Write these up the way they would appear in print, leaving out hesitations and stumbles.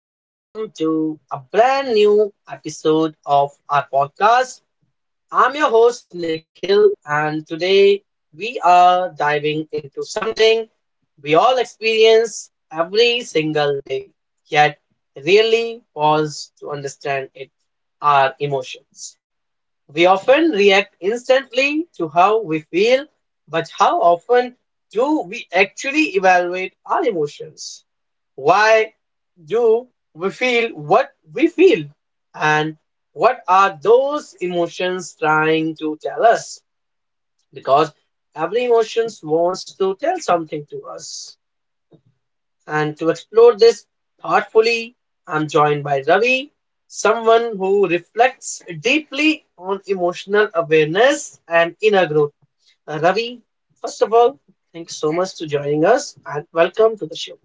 welcome to a brand new episode of our podcast. I'm your host, Nikhil, and today we are diving into something we all experience every single day, yet really pause to understand it our emotions. We often react instantly to how we feel, but how often do we actually evaluate our emotions? Why do we feel what we feel, and what are those emotions trying to tell us? Because every emotion wants to tell something to us. And to explore this thoughtfully, I'm joined by Ravi, someone who reflects deeply on emotional awareness and inner growth. Ravi, first of all, thanks so much for joining us and welcome to the show.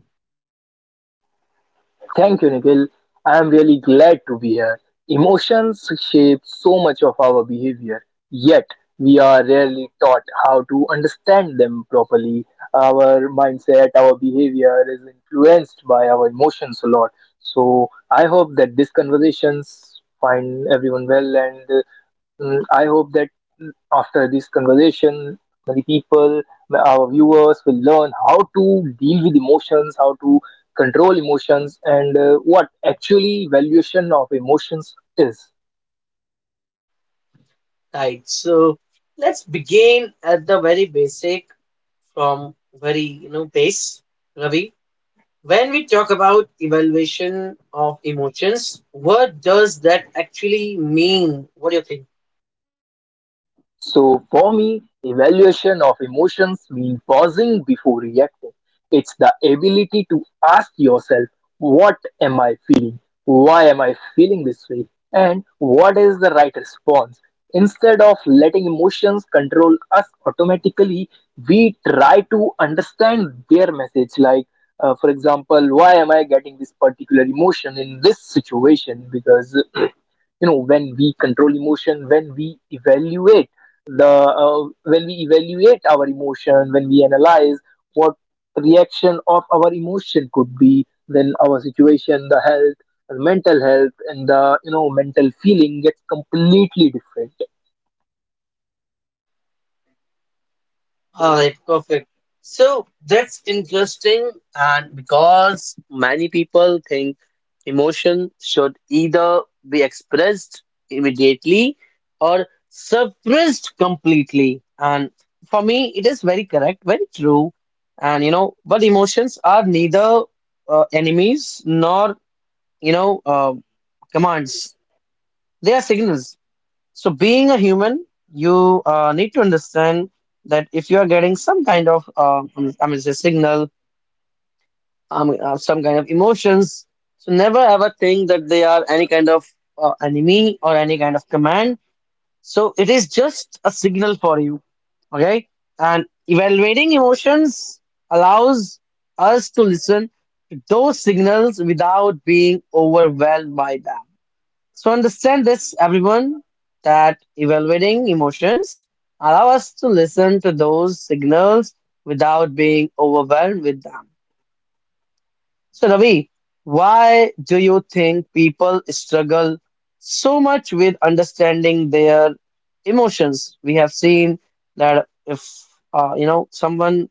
Thank you, Nikhil. I am really glad to be here. Emotions shape so much of our behavior, yet we are rarely taught how to understand them properly. Our mindset, our behavior is influenced by our emotions a lot. So I hope that these conversations find everyone well and I hope that after this conversation, many people, our viewers, will learn how to deal with emotions, how to control emotions, and what actually valuation of emotions is. Right. So let's begin at the very basic, from very, base. Ravi, when we talk about evaluation of emotions, what does that actually mean? What do you think? So for me, evaluation of emotions means pausing before reacting. It's the ability to ask yourself, what am I feeling? Why am I feeling this way? And what is the right response? Instead of letting emotions control us automatically, we try to understand their message. Like, for example, why am I getting this particular emotion in this situation? Because you know, when we control emotion, when we evaluate the when we evaluate our emotion, when we analyze what reaction of our emotion could be, then our situation, the health, the mental health, and the, you know, mental feeling gets completely different. All right, perfect. So that's interesting, and because many people think emotion should either be expressed immediately or suppressed completely. And for me, it is very correct, very true. And you know, but emotions are neither enemies nor you know uh, commands. They are signals. So, being a human, you need to understand that if you are getting some kind of, I mean, say signal, some kind of emotions, so never ever think that they are any kind of enemy or any kind of command. So, it is just a signal for you, okay? And evaluating emotions allows us to listen to those signals without being overwhelmed by them. So understand this, everyone, that evaluating emotions allow us to listen to those signals without being overwhelmed with them. So Ravi, why do you think people struggle so much with understanding their emotions? We have seen that if you know, someone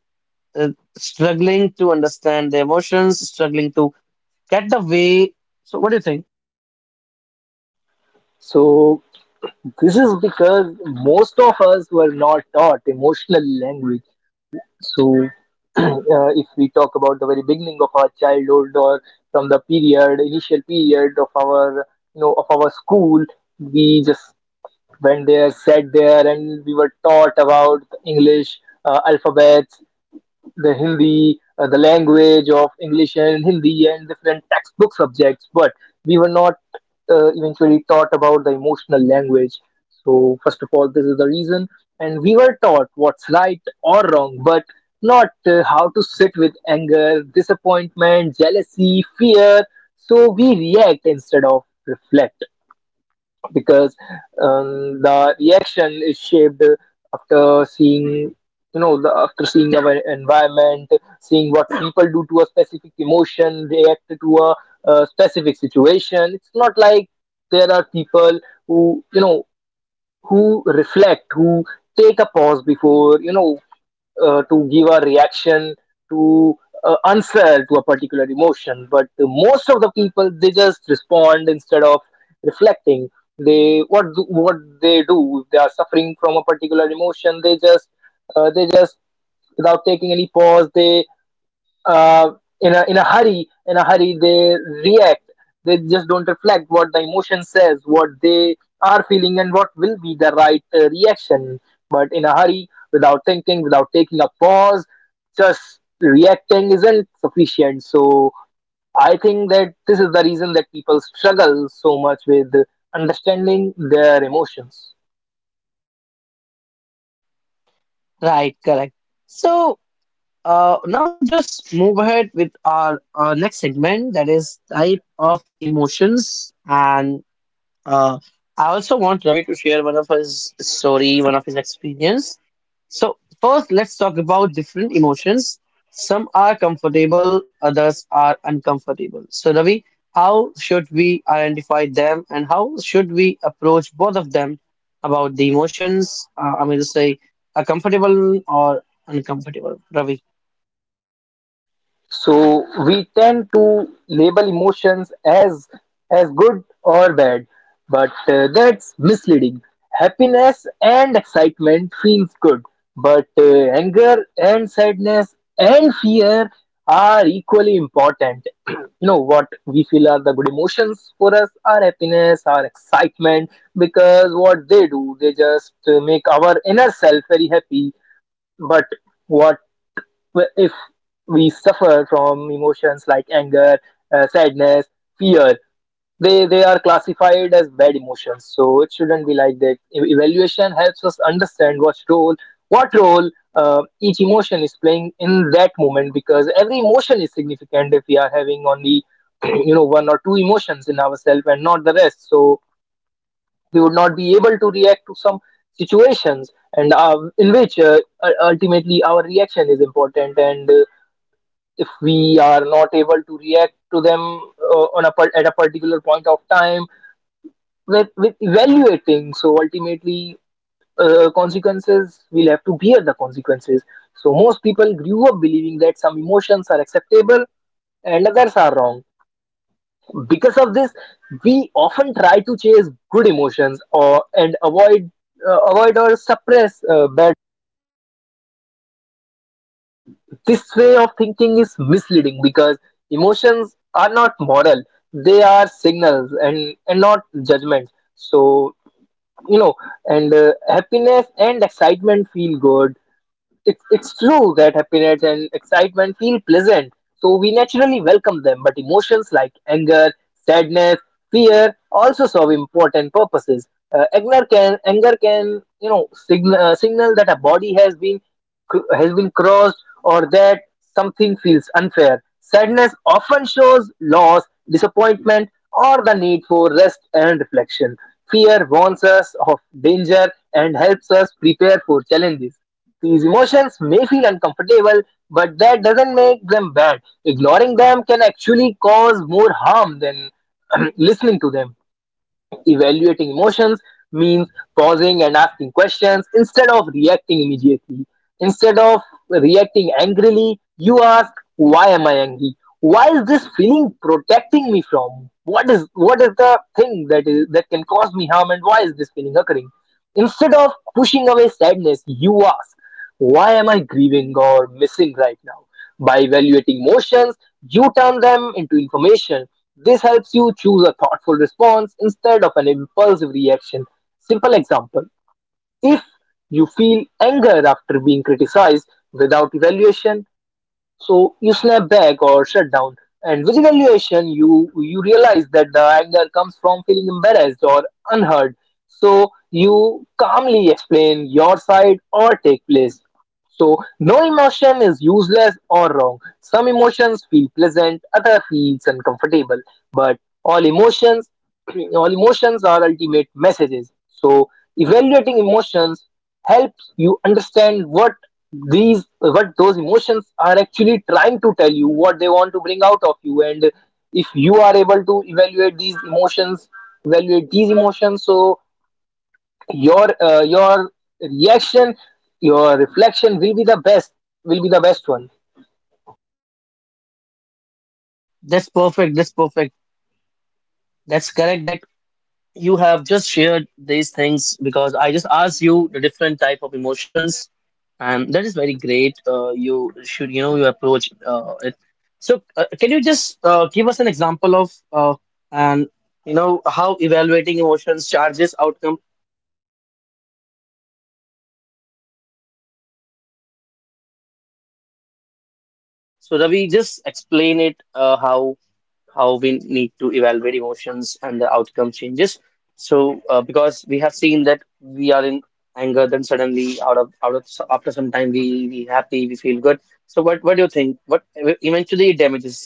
is struggling to understand their emotions, struggling to get the way. So what do you think? So this is because most of us were not taught emotional language. So if we talk about the very beginning of our childhood or from the period, initial period of our, you know, of our school, we just went there, sat there, and we were taught about the English alphabets, the Hindi, the language of English and Hindi, and different textbook subjects. But we were not eventually taught about the emotional language. So, first of all, this is the reason. And we were taught what's right or wrong, but not how to sit with anger, disappointment, jealousy, fear. So, we react instead of reflect because the reaction is shaped after seeing, you know, after seeing our environment, seeing what people do to a specific emotion, react to a specific situation. It's not like there are people who, you know, who reflect, who take a pause before, you know, to give a reaction to, answer to a particular emotion. But most of the people, they just respond instead of reflecting. They what they do, if they are suffering from a particular emotion, they just without taking any pause, they uh, in a hurry they react. They just don't reflect what the emotion says, what they are feeling, and what will be the right reaction. But in a hurry, without thinking, without taking a pause, just reacting isn't sufficient. So I think that this is the reason that people struggle so much with understanding their emotions. Right, correct. So now just move ahead with our next segment, that is type of emotions, and uh, I also want Ravi to share one of his story, one of his experience. So first, let's talk about different emotions. Some are comfortable, others are uncomfortable. So Ravi, how should we identify them, and how should we approach both of them about the emotions? I mean to say, a comfortable or uncomfortable. Ravi. So we tend to label emotions as good or bad, but that's misleading. Happiness and excitement feels good, but anger and sadness and fear are equally important. You know, what we feel are the good emotions for us are happiness, our excitement, because what they do, they just make our inner self very happy. But what, well, if we suffer from emotions like anger, sadness, fear, they are classified as bad emotions. So it shouldn't be like that. Evaluation helps us understand what role what role each emotion is playing in that moment, because every emotion is significant. If we are having only you know, one or two emotions in ourselves and not the rest, so we would not be able to react to some situations and in which ultimately our reaction is important. And if we are not able to react to them on a at a particular point of time with evaluating, so ultimately consequences will have to bear the consequences. So most people grew up believing that some emotions are acceptable and others are wrong. Because of this, we often try to chase good emotions or and avoid avoid or suppress bad. This way of thinking is misleading because emotions are not moral, they are signals and not judgments. So, you know, and happiness and excitement feel good. It's it's, true that happiness and excitement feel pleasant, so we naturally welcome them. But emotions like anger, sadness, fear also serve important purposes. Anger can, you know, signal, signal that a body has been has been crossed or that something feels unfair. Sadness often shows loss, disappointment, or the need for rest and reflection. Fear warns us of danger and helps us prepare for challenges. These emotions may feel uncomfortable, but that doesn't make them bad. Ignoring them can actually cause more harm than listening to them. Evaluating emotions means pausing and asking questions instead of reacting immediately. Instead of reacting angrily, you ask, why am I angry? Why is this feeling protecting me from? What is the thing that is, that can cause me harm, and why is this feeling occurring? Instead of pushing away sadness, you ask, why am I grieving or missing right now? By evaluating motions, you turn them into information. This helps you choose a thoughtful response instead of an impulsive reaction. Simple example: if you feel anger after being criticized without evaluation, so you snap back or shut down. And with evaluation, you realize that the anger comes from feeling embarrassed or unheard. So you calmly explain your side or take place. So no emotion is useless or wrong. Some emotions feel pleasant, other feels uncomfortable. But all emotions, all emotions are ultimate messages. So evaluating emotions helps you understand what these what those emotions are actually trying to tell you, what they want to bring out of you. And if you are able to evaluate these emotions, so your reaction, your reflection will be the best, will be the best one. That's perfect. That's perfect. That's correct that you have just shared these things, because I just asked you the different type of emotions, and that is very great. You should, you know, you approach it. So, can you just give us an example of and you know how evaluating emotions charges outcome? So, Ravi, just explain it how we need to evaluate emotions and the outcome changes. So, because we have seen that we are in anger, then suddenly out of after some time we happy, we feel good. So, what do you think? What eventually it damages?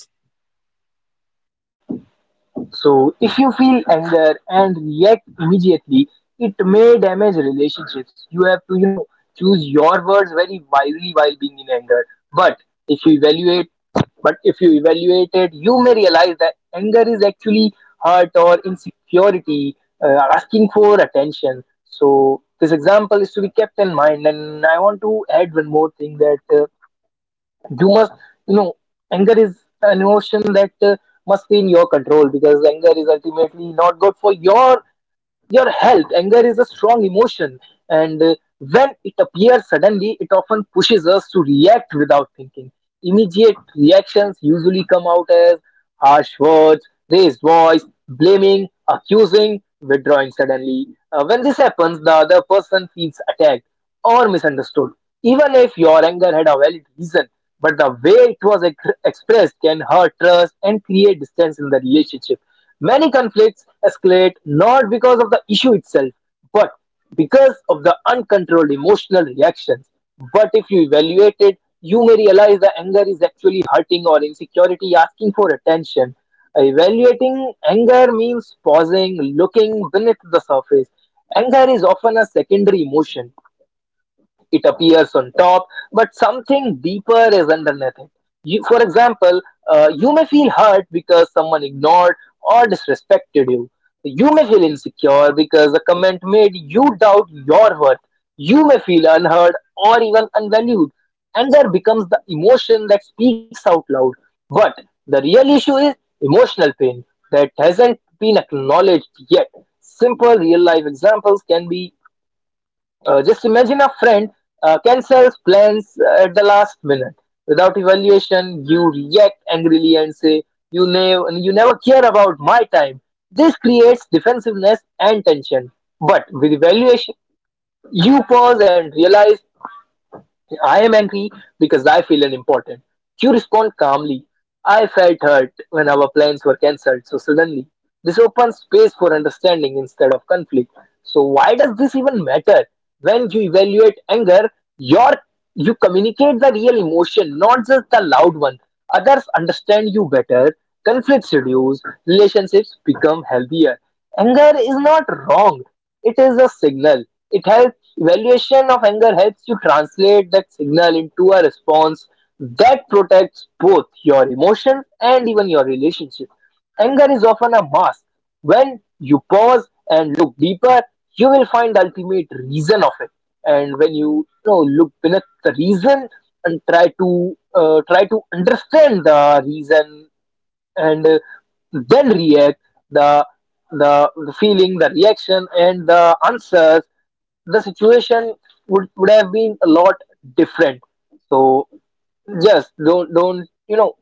So if you feel anger and react immediately, it may damage relationships. You have to, you know, choose your words very wisely while being in anger. But if you evaluate, it, you may realize that anger is actually hurt or insecurity, asking for attention. So this example is to be kept in mind. And I want to add one more thing that. You must, you know, anger is an emotion that must be in your control, because anger is ultimately not good for your health. Anger is a strong emotion, and when it appears suddenly, it often pushes us to react without thinking. Immediate reactions usually come out as harsh words, raised voice, blaming, accusing, withdrawing suddenly. When this happens, the other person feels attacked or misunderstood, even if your anger had a valid reason. But the way it was expressed can hurt trust and create distance in the relationship. Many conflicts escalate not because of the issue itself, but because of the uncontrolled emotional reactions. But if you evaluate it, you may realize the anger is actually hurting or insecurity asking for attention. Evaluating anger means pausing, looking beneath the surface. Anger is often a secondary emotion. It appears on top, but something deeper is underneath it. You, for example, you may feel hurt because someone ignored or disrespected you. You may feel insecure because a comment made you doubt your worth. You may feel unheard or even unvalued, and there becomes the emotion that speaks out loud. But the real issue is emotional pain that hasn't been acknowledged yet. Simple real life examples can be, just imagine a friend cancels plans at the last minute. Without evaluation, you react angrily and say, you never care about my time." This creates defensiveness and tension. But with evaluation, you pause and realize, I am angry because I feel unimportant. You respond calmly. I felt hurt when our plans were cancelled so suddenly. This opens space for understanding instead of conflict. So why does this even matter? When you evaluate anger, your you communicate the real emotion, not just the loud one. Others understand you better. Conflicts reduce. Relationships become healthier. Anger is not wrong. It is a signal. It helps Evaluation of anger helps you translate that signal into a response that protects both your emotions and even your relationship. Anger is often a mask. When you pause and look deeper, you will find the ultimate reason of it. And when you know, look beneath the reason and try to, try to understand the reason, and then react, the, the feeling, the reaction, and the answers, the situation would, have been a lot different. So just don't you know,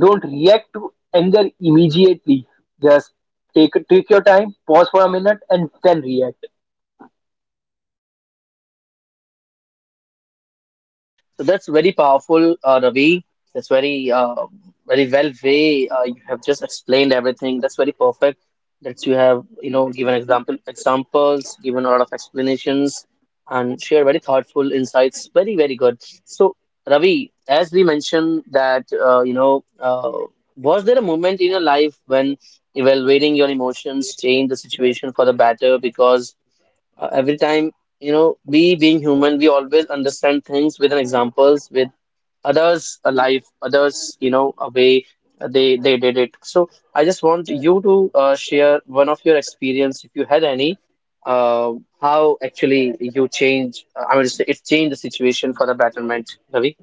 don't react to anger immediately. Just take your time, pause for a minute, and then react. So that's very powerful, Ravi. That's very, very well way you have just explained everything. That's very perfect. That you have, you know, given examples, given a lot of explanations, and share very thoughtful insights. Very, very good. So, Ravi, as we mentioned that, was there a moment in your life when evaluating your emotions changed the situation for the better? Because every time, you know, we being human, we always understand things with an examples, with others' a life, others, you know, a way they did it. So I just want you to share one of your experience, if you had any, uh, how actually you change. I mean, it changed the situation for the betterment, Ravi.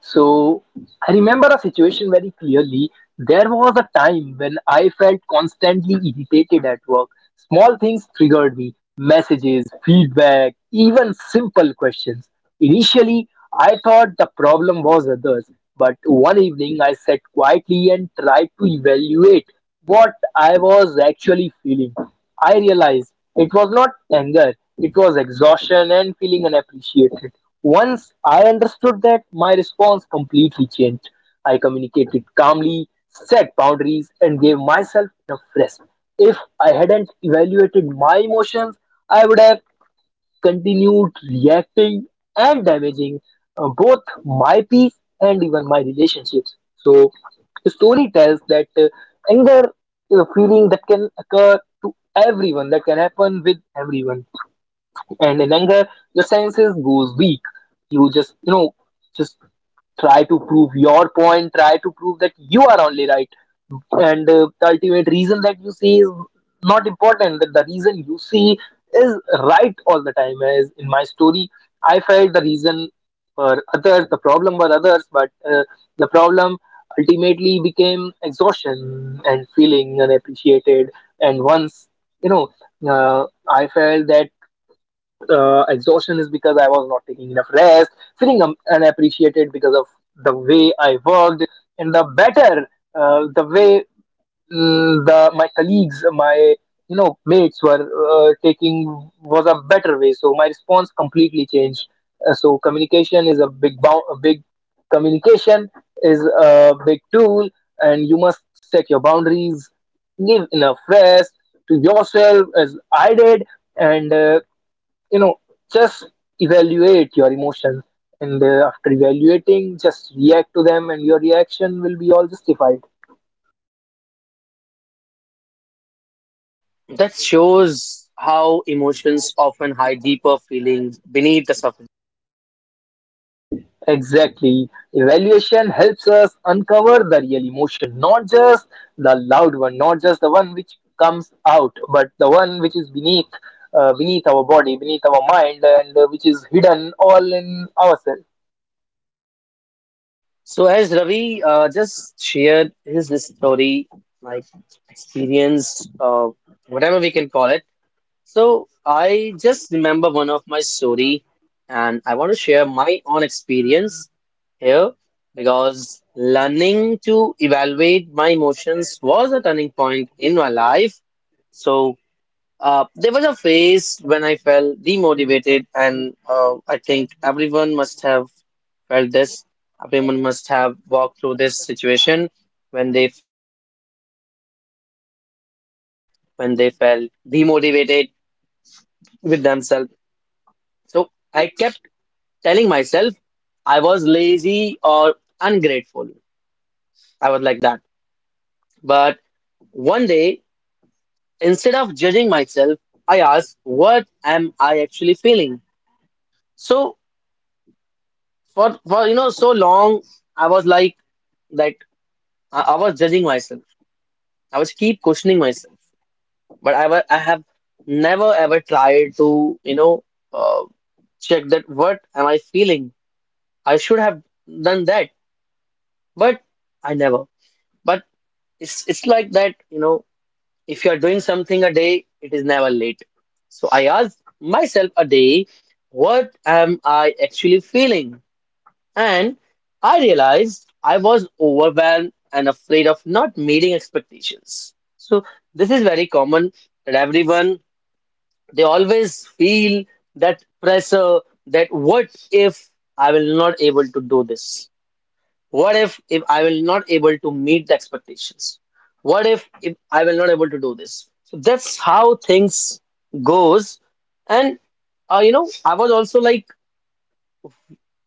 So I remember a situation very clearly. There was a time when I felt constantly irritated at work. Small things triggered me, messages, feedback, even simple questions. Initially, I thought the problem was others, but one evening I sat quietly and tried to evaluate what I was actually feeling. I realized it was not anger, it was exhaustion and feeling unappreciated. Once I understood that, my response completely changed. I communicated calmly, set boundaries, and gave myself enough rest. If I hadn't evaluated my emotions, I would have continued reacting and damaging both my peace and even my relationships. So, the story tells that anger is a feeling that can occur to everyone, that can happen with everyone, and in anger your senses goes weak. You just just try to prove your point, try to prove that you are only right, and the ultimate reason that you see is not important, that the reason you see is right all the time. As in my story, I felt the reason for others, the problem were others, but the problem ultimately became exhaustion and feeling unappreciated. And once you know uh, I felt that exhaustion is because I was not taking enough rest, feeling unappreciated because of the way I worked, and the better the way the my colleagues, my mates were taking was a better way. So my response completely changed. So communication is a big bound, a big, communication is a big tool, and you must set your boundaries, give enough rest to yourself as I did, and you know just evaluate your emotions, and after evaluating just react to them, and your reaction will be all justified. That shows how emotions often hide deeper feelings beneath the surface. Exactly, evaluation helps us uncover the real emotion, not just the loud one, not just the one which comes out, but the one which is beneath, beneath our body, beneath our mind, and which is hidden all in ourselves. So as Ravi just shared his this story, like experience, whatever we can call it. So I just remember one of my story, and I want to share my own experience here because learning to evaluate my emotions was a turning point in my life. So. There was a phase when I felt demotivated, and I think everyone must have felt this. Everyone must have walked through this situation when they, you know, when they felt disconnected, when they felt demotivated with themselves. So I kept telling myself I was lazy or ungrateful. I was like that. But one day, instead of judging myself, I asked, what am I actually feeling? So for you know, so long I was like that I was judging myself. I was keep questioning myself, but I have never ever tried to uh, check that what am I feeling? I should have done that, but I never. But it's like that, you know, if you are doing something a day, it is never late. So I asked myself a day, what am I actually feeling? And I realized I was overwhelmed and afraid of not meeting expectations. So, this is very common that everyone they always feel that pressure, that what if I will not able to do this? What if I will not able to meet the expectations? What if I will not able to do this? So that's how things goes. And you know, I was also like,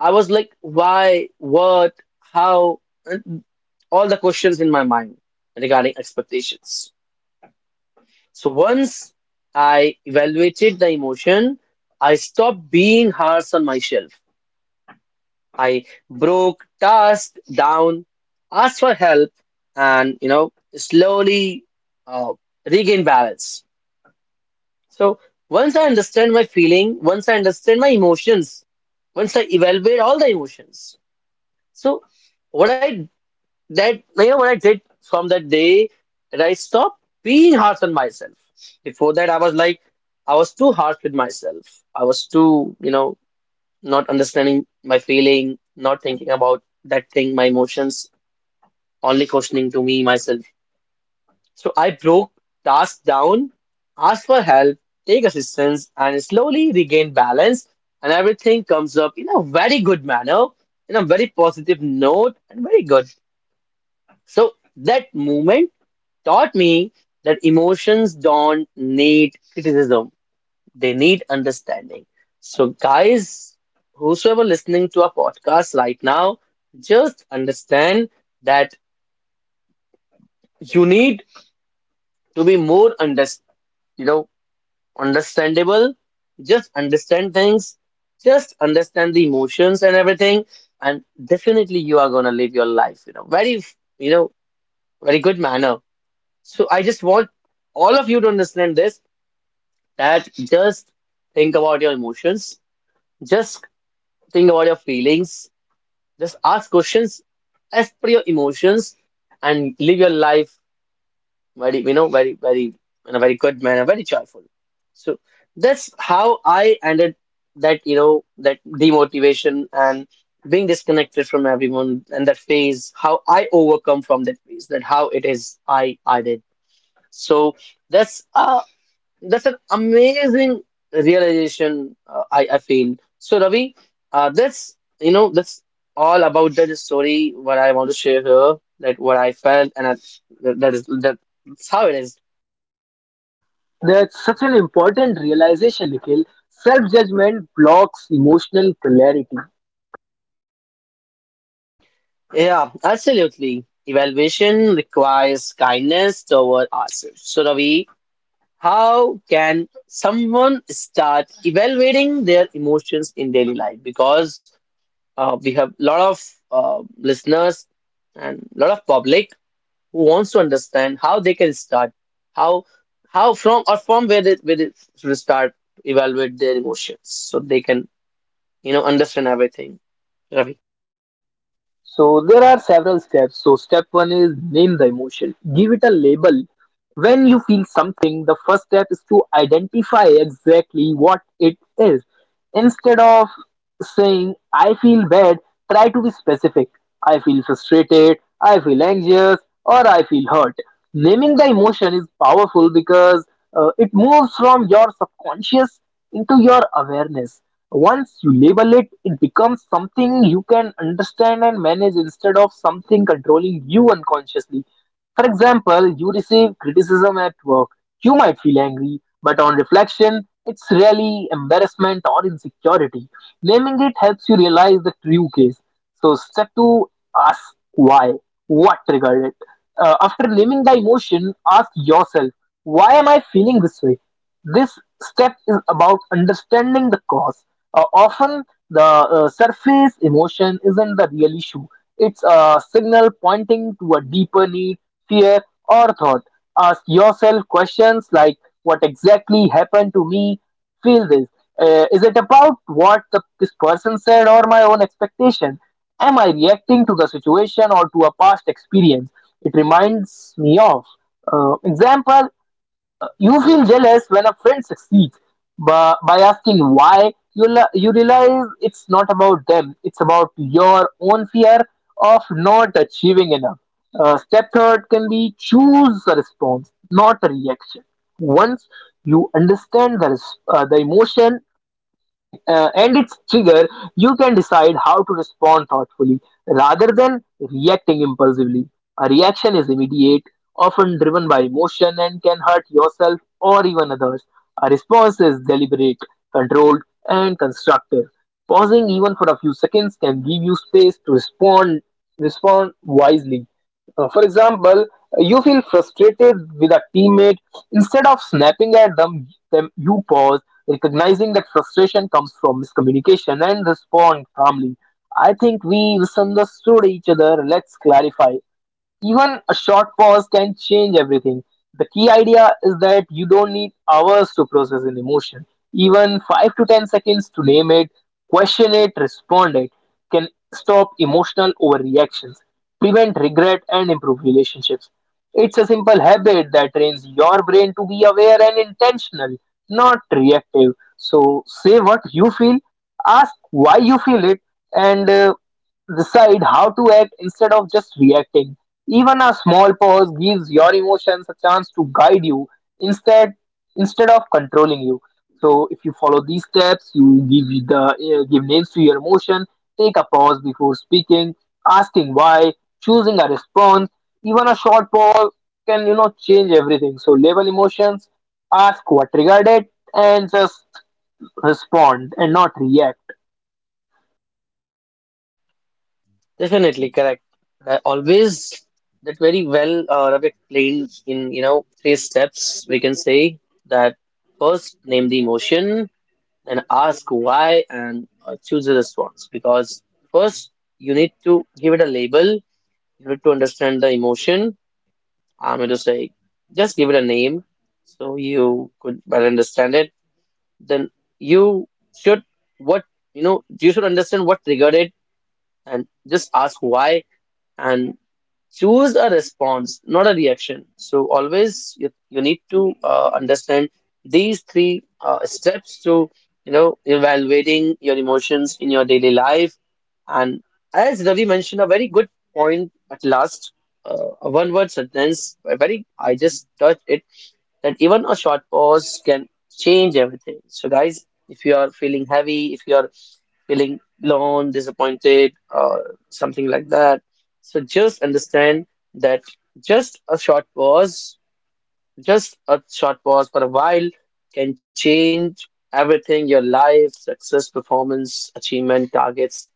I was like, why, what, how, and all the questions in my mind regarding expectations. So once I evaluated the emotion, I stopped being harsh on myself. I broke task down, asked for help, and you know, slowly uh, regain balance. So once I understand my feeling, once I understand my emotions, once I evaluate all the emotions, so what I that you know what I did from that day, that I stopped being harsh on myself. Before that, I was like, I was too harsh with myself. I was too, you know, not understanding my feeling, not thinking about that thing, my emotions, only questioning to me myself. So I broke tasks down, asked for help, take assistance, and slowly regain balance. And everything comes up in a very good manner, in a very positive note, and very good. So that moment taught me that emotions don't need criticism, they need understanding. So, guys, whosoever listening to our podcast right now, just understand that you need to be more you know, understandable. Just understand things, just understand the emotions and everything, and definitely you are gonna live your life, you know, very good manner. So I just want all of you to understand this, that just think about your emotions, just think about your feelings, just ask questions as per your emotions and live your life very, you know, very, very in a very good manner, very joyful. So that's how I ended that, you know, that demotivation and being disconnected from everyone and that phase, how I overcome from that phase, that how it is I did. So that's uh, that's an amazing realization, I feel. So, Ravi, that's, you know, that's all about that story what I want to share here, that what I felt, and I, that, that is that, that's how it is. That's such an important realization, Nikhil. Self-judgment blocks emotional clarity. Yeah, absolutely. Evaluation requires kindness toward ourselves. So, Ravi, how can someone start evaluating their emotions in daily life? Because we have a lot of listeners and a lot of public. Who wants to understand how they can start, how how from or from where they should start to evaluate their emotions, so they can, you know, understand everything. Ravi, So there are several steps. So step one is name the emotion. Give it a label. When you feel something, the first step is to identify exactly what it is. Instead of saying, I feel bad, try to be specific. I feel frustrated, I feel anxious, or I feel hurt. Naming the emotion is powerful because it moves from your subconscious into your awareness. Once you label it, it becomes something you can understand and manage instead of something controlling you unconsciously. For example, you receive criticism at work. You might feel angry, but on reflection, it's really embarrassment or insecurity. Naming it helps you realize the true case. So, step two, ask why. What triggered it? After naming the emotion, ask yourself, why am I feeling this way? This step is about understanding the cause. Often, the surface emotion isn't the real issue, it's a signal pointing to a deeper need, fear, or thought. Ask yourself questions like, what exactly happened to me? Feel this. Is it about what this person said or my own expectation? Am I reacting to the situation or to a past experience? It reminds me of. Example, you feel jealous when a friend succeeds, but by asking why you you realize it's not about them, it's about your own fear of not achieving enough. Step third can be, choose a response, not a reaction. Once you understand the emotion and its trigger, you can decide how to respond thoughtfully rather than reacting impulsively. A reaction is immediate, often driven by emotion, and can hurt yourself or even others. A response is deliberate, controlled, and constructive. Pausing even for a few seconds can give you space to respond wisely. For example, you feel frustrated with a teammate. Instead of snapping at them, you pause, recognizing that frustration comes from miscommunication, and respond calmly. I think we misunderstood each other. Let's clarify. Even a short pause can change everything. The key idea is that you don't need hours to process an emotion. Even 5 to 10 seconds to name it, question it, respond it, can stop emotional overreactions, prevent regret, and improve relationships. It's a simple habit that trains your brain to be aware and intentional, not reactive. So say what you feel, ask why you feel it, and decide how to act instead of just reacting. Even a small pause gives your emotions a chance to guide you instead instead of controlling you. So if you follow these steps, you give you the give names to your emotion, take a pause before speaking, asking why, choosing a response. Even a short pause can change everything. So label emotions, ask what triggered it, and just respond and not react. definitely correct. Always that very well Ravi explained in, you know, three steps. We can say that first name the emotion, then ask why, and choose a response. Because first you need to give it a label. You need to understand the emotion, I'm just like, just give it a name so you could better understand it. Then you should what you know, you should understand what triggered it and just ask why. And choose a response, not a reaction. So always you need to understand these three steps to, you know, evaluating your emotions in your daily life. And as Ravi mentioned a very good point at last, a one word sentence, a very, I just touched it, that even a short pause can change everything. So, guys, if you are feeling heavy, if you are feeling alone, disappointed, or something like that, so just understand that just a short pause, just a short pause for a while can change everything, your life, success, performance, achievement, targets,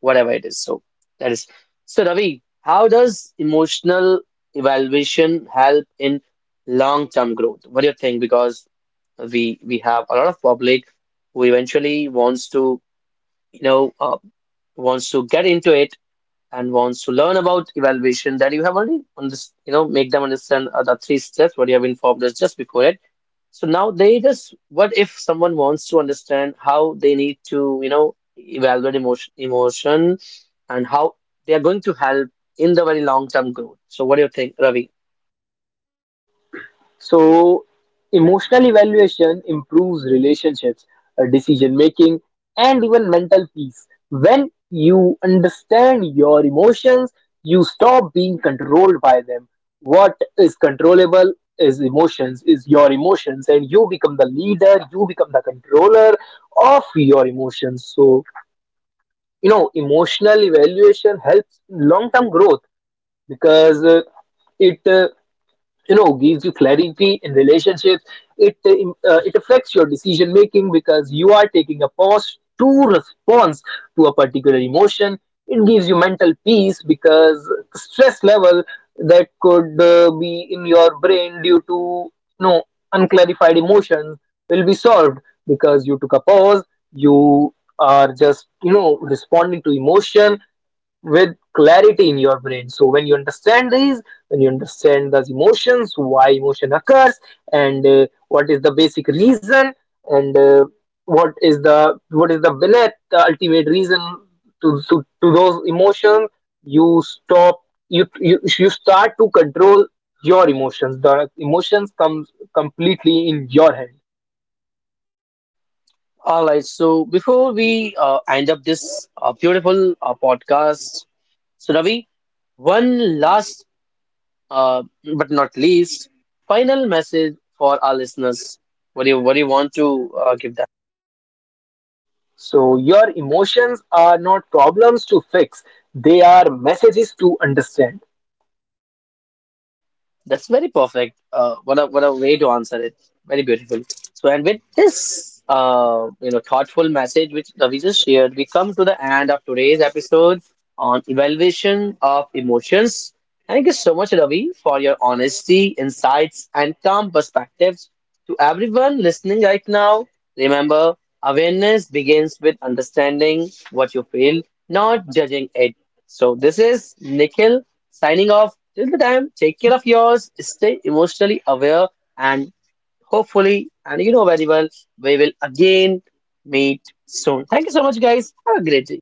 whatever it is. So that is, so Ravi, how does emotional evaluation help in long-term growth? What do you think? Because we have a lot of public who eventually wants to, you know, wants to get into it and wants to learn about evaluation that you have already on this, you know, make them understand the three steps what you have informed us just before it. So now they just, what if someone wants to understand how they need to, you know, evaluate emotion and how they are going to help in the very long-term growth. So what do you think, Ravi? So, emotional evaluation improves relationships, decision making, and even mental peace. When you understand your emotions, you stop being controlled by them. What is controllable is emotions, is your emotions, and you become the leader, you become the controller of your emotions. So, you know, emotional evaluation helps long term growth because it you know gives you clarity in relationships. It it affects your decision making because you are taking a pause to response to a particular emotion. It gives you mental peace because stress level that could be in your brain due to you know unclarified emotions will be solved because you took a pause. You are just responding to emotion with clarity in your brain. So when you understand these, when you understand those emotions, why emotion occurs, and what is the basic reason, and what is the beneath the ultimate reason to, to those emotions, you stop, you you start to control your emotions. The emotions comes completely in your hand. All right. So before we end up this beautiful podcast, so Ravi, one last uh, but not least, final message for our listeners. What do you want to give them? So your emotions are not problems to fix; they are messages to understand. That's very perfect. What a way to answer it. Very beautiful. So, and with this, you know, thoughtful message which Ravi just shared, we come to the end of today's episode on evaluation of emotions. Thank you so much, Ravi, for your honesty, insights, and calm perspectives. To everyone listening right now, remember, awareness begins with understanding what you feel, not judging it. So, this is Nikhil, signing off. Till the time, take care of yours, stay emotionally aware, and hopefully, and you know very well, we will again meet soon. Thank you so much, guys. Have a great day.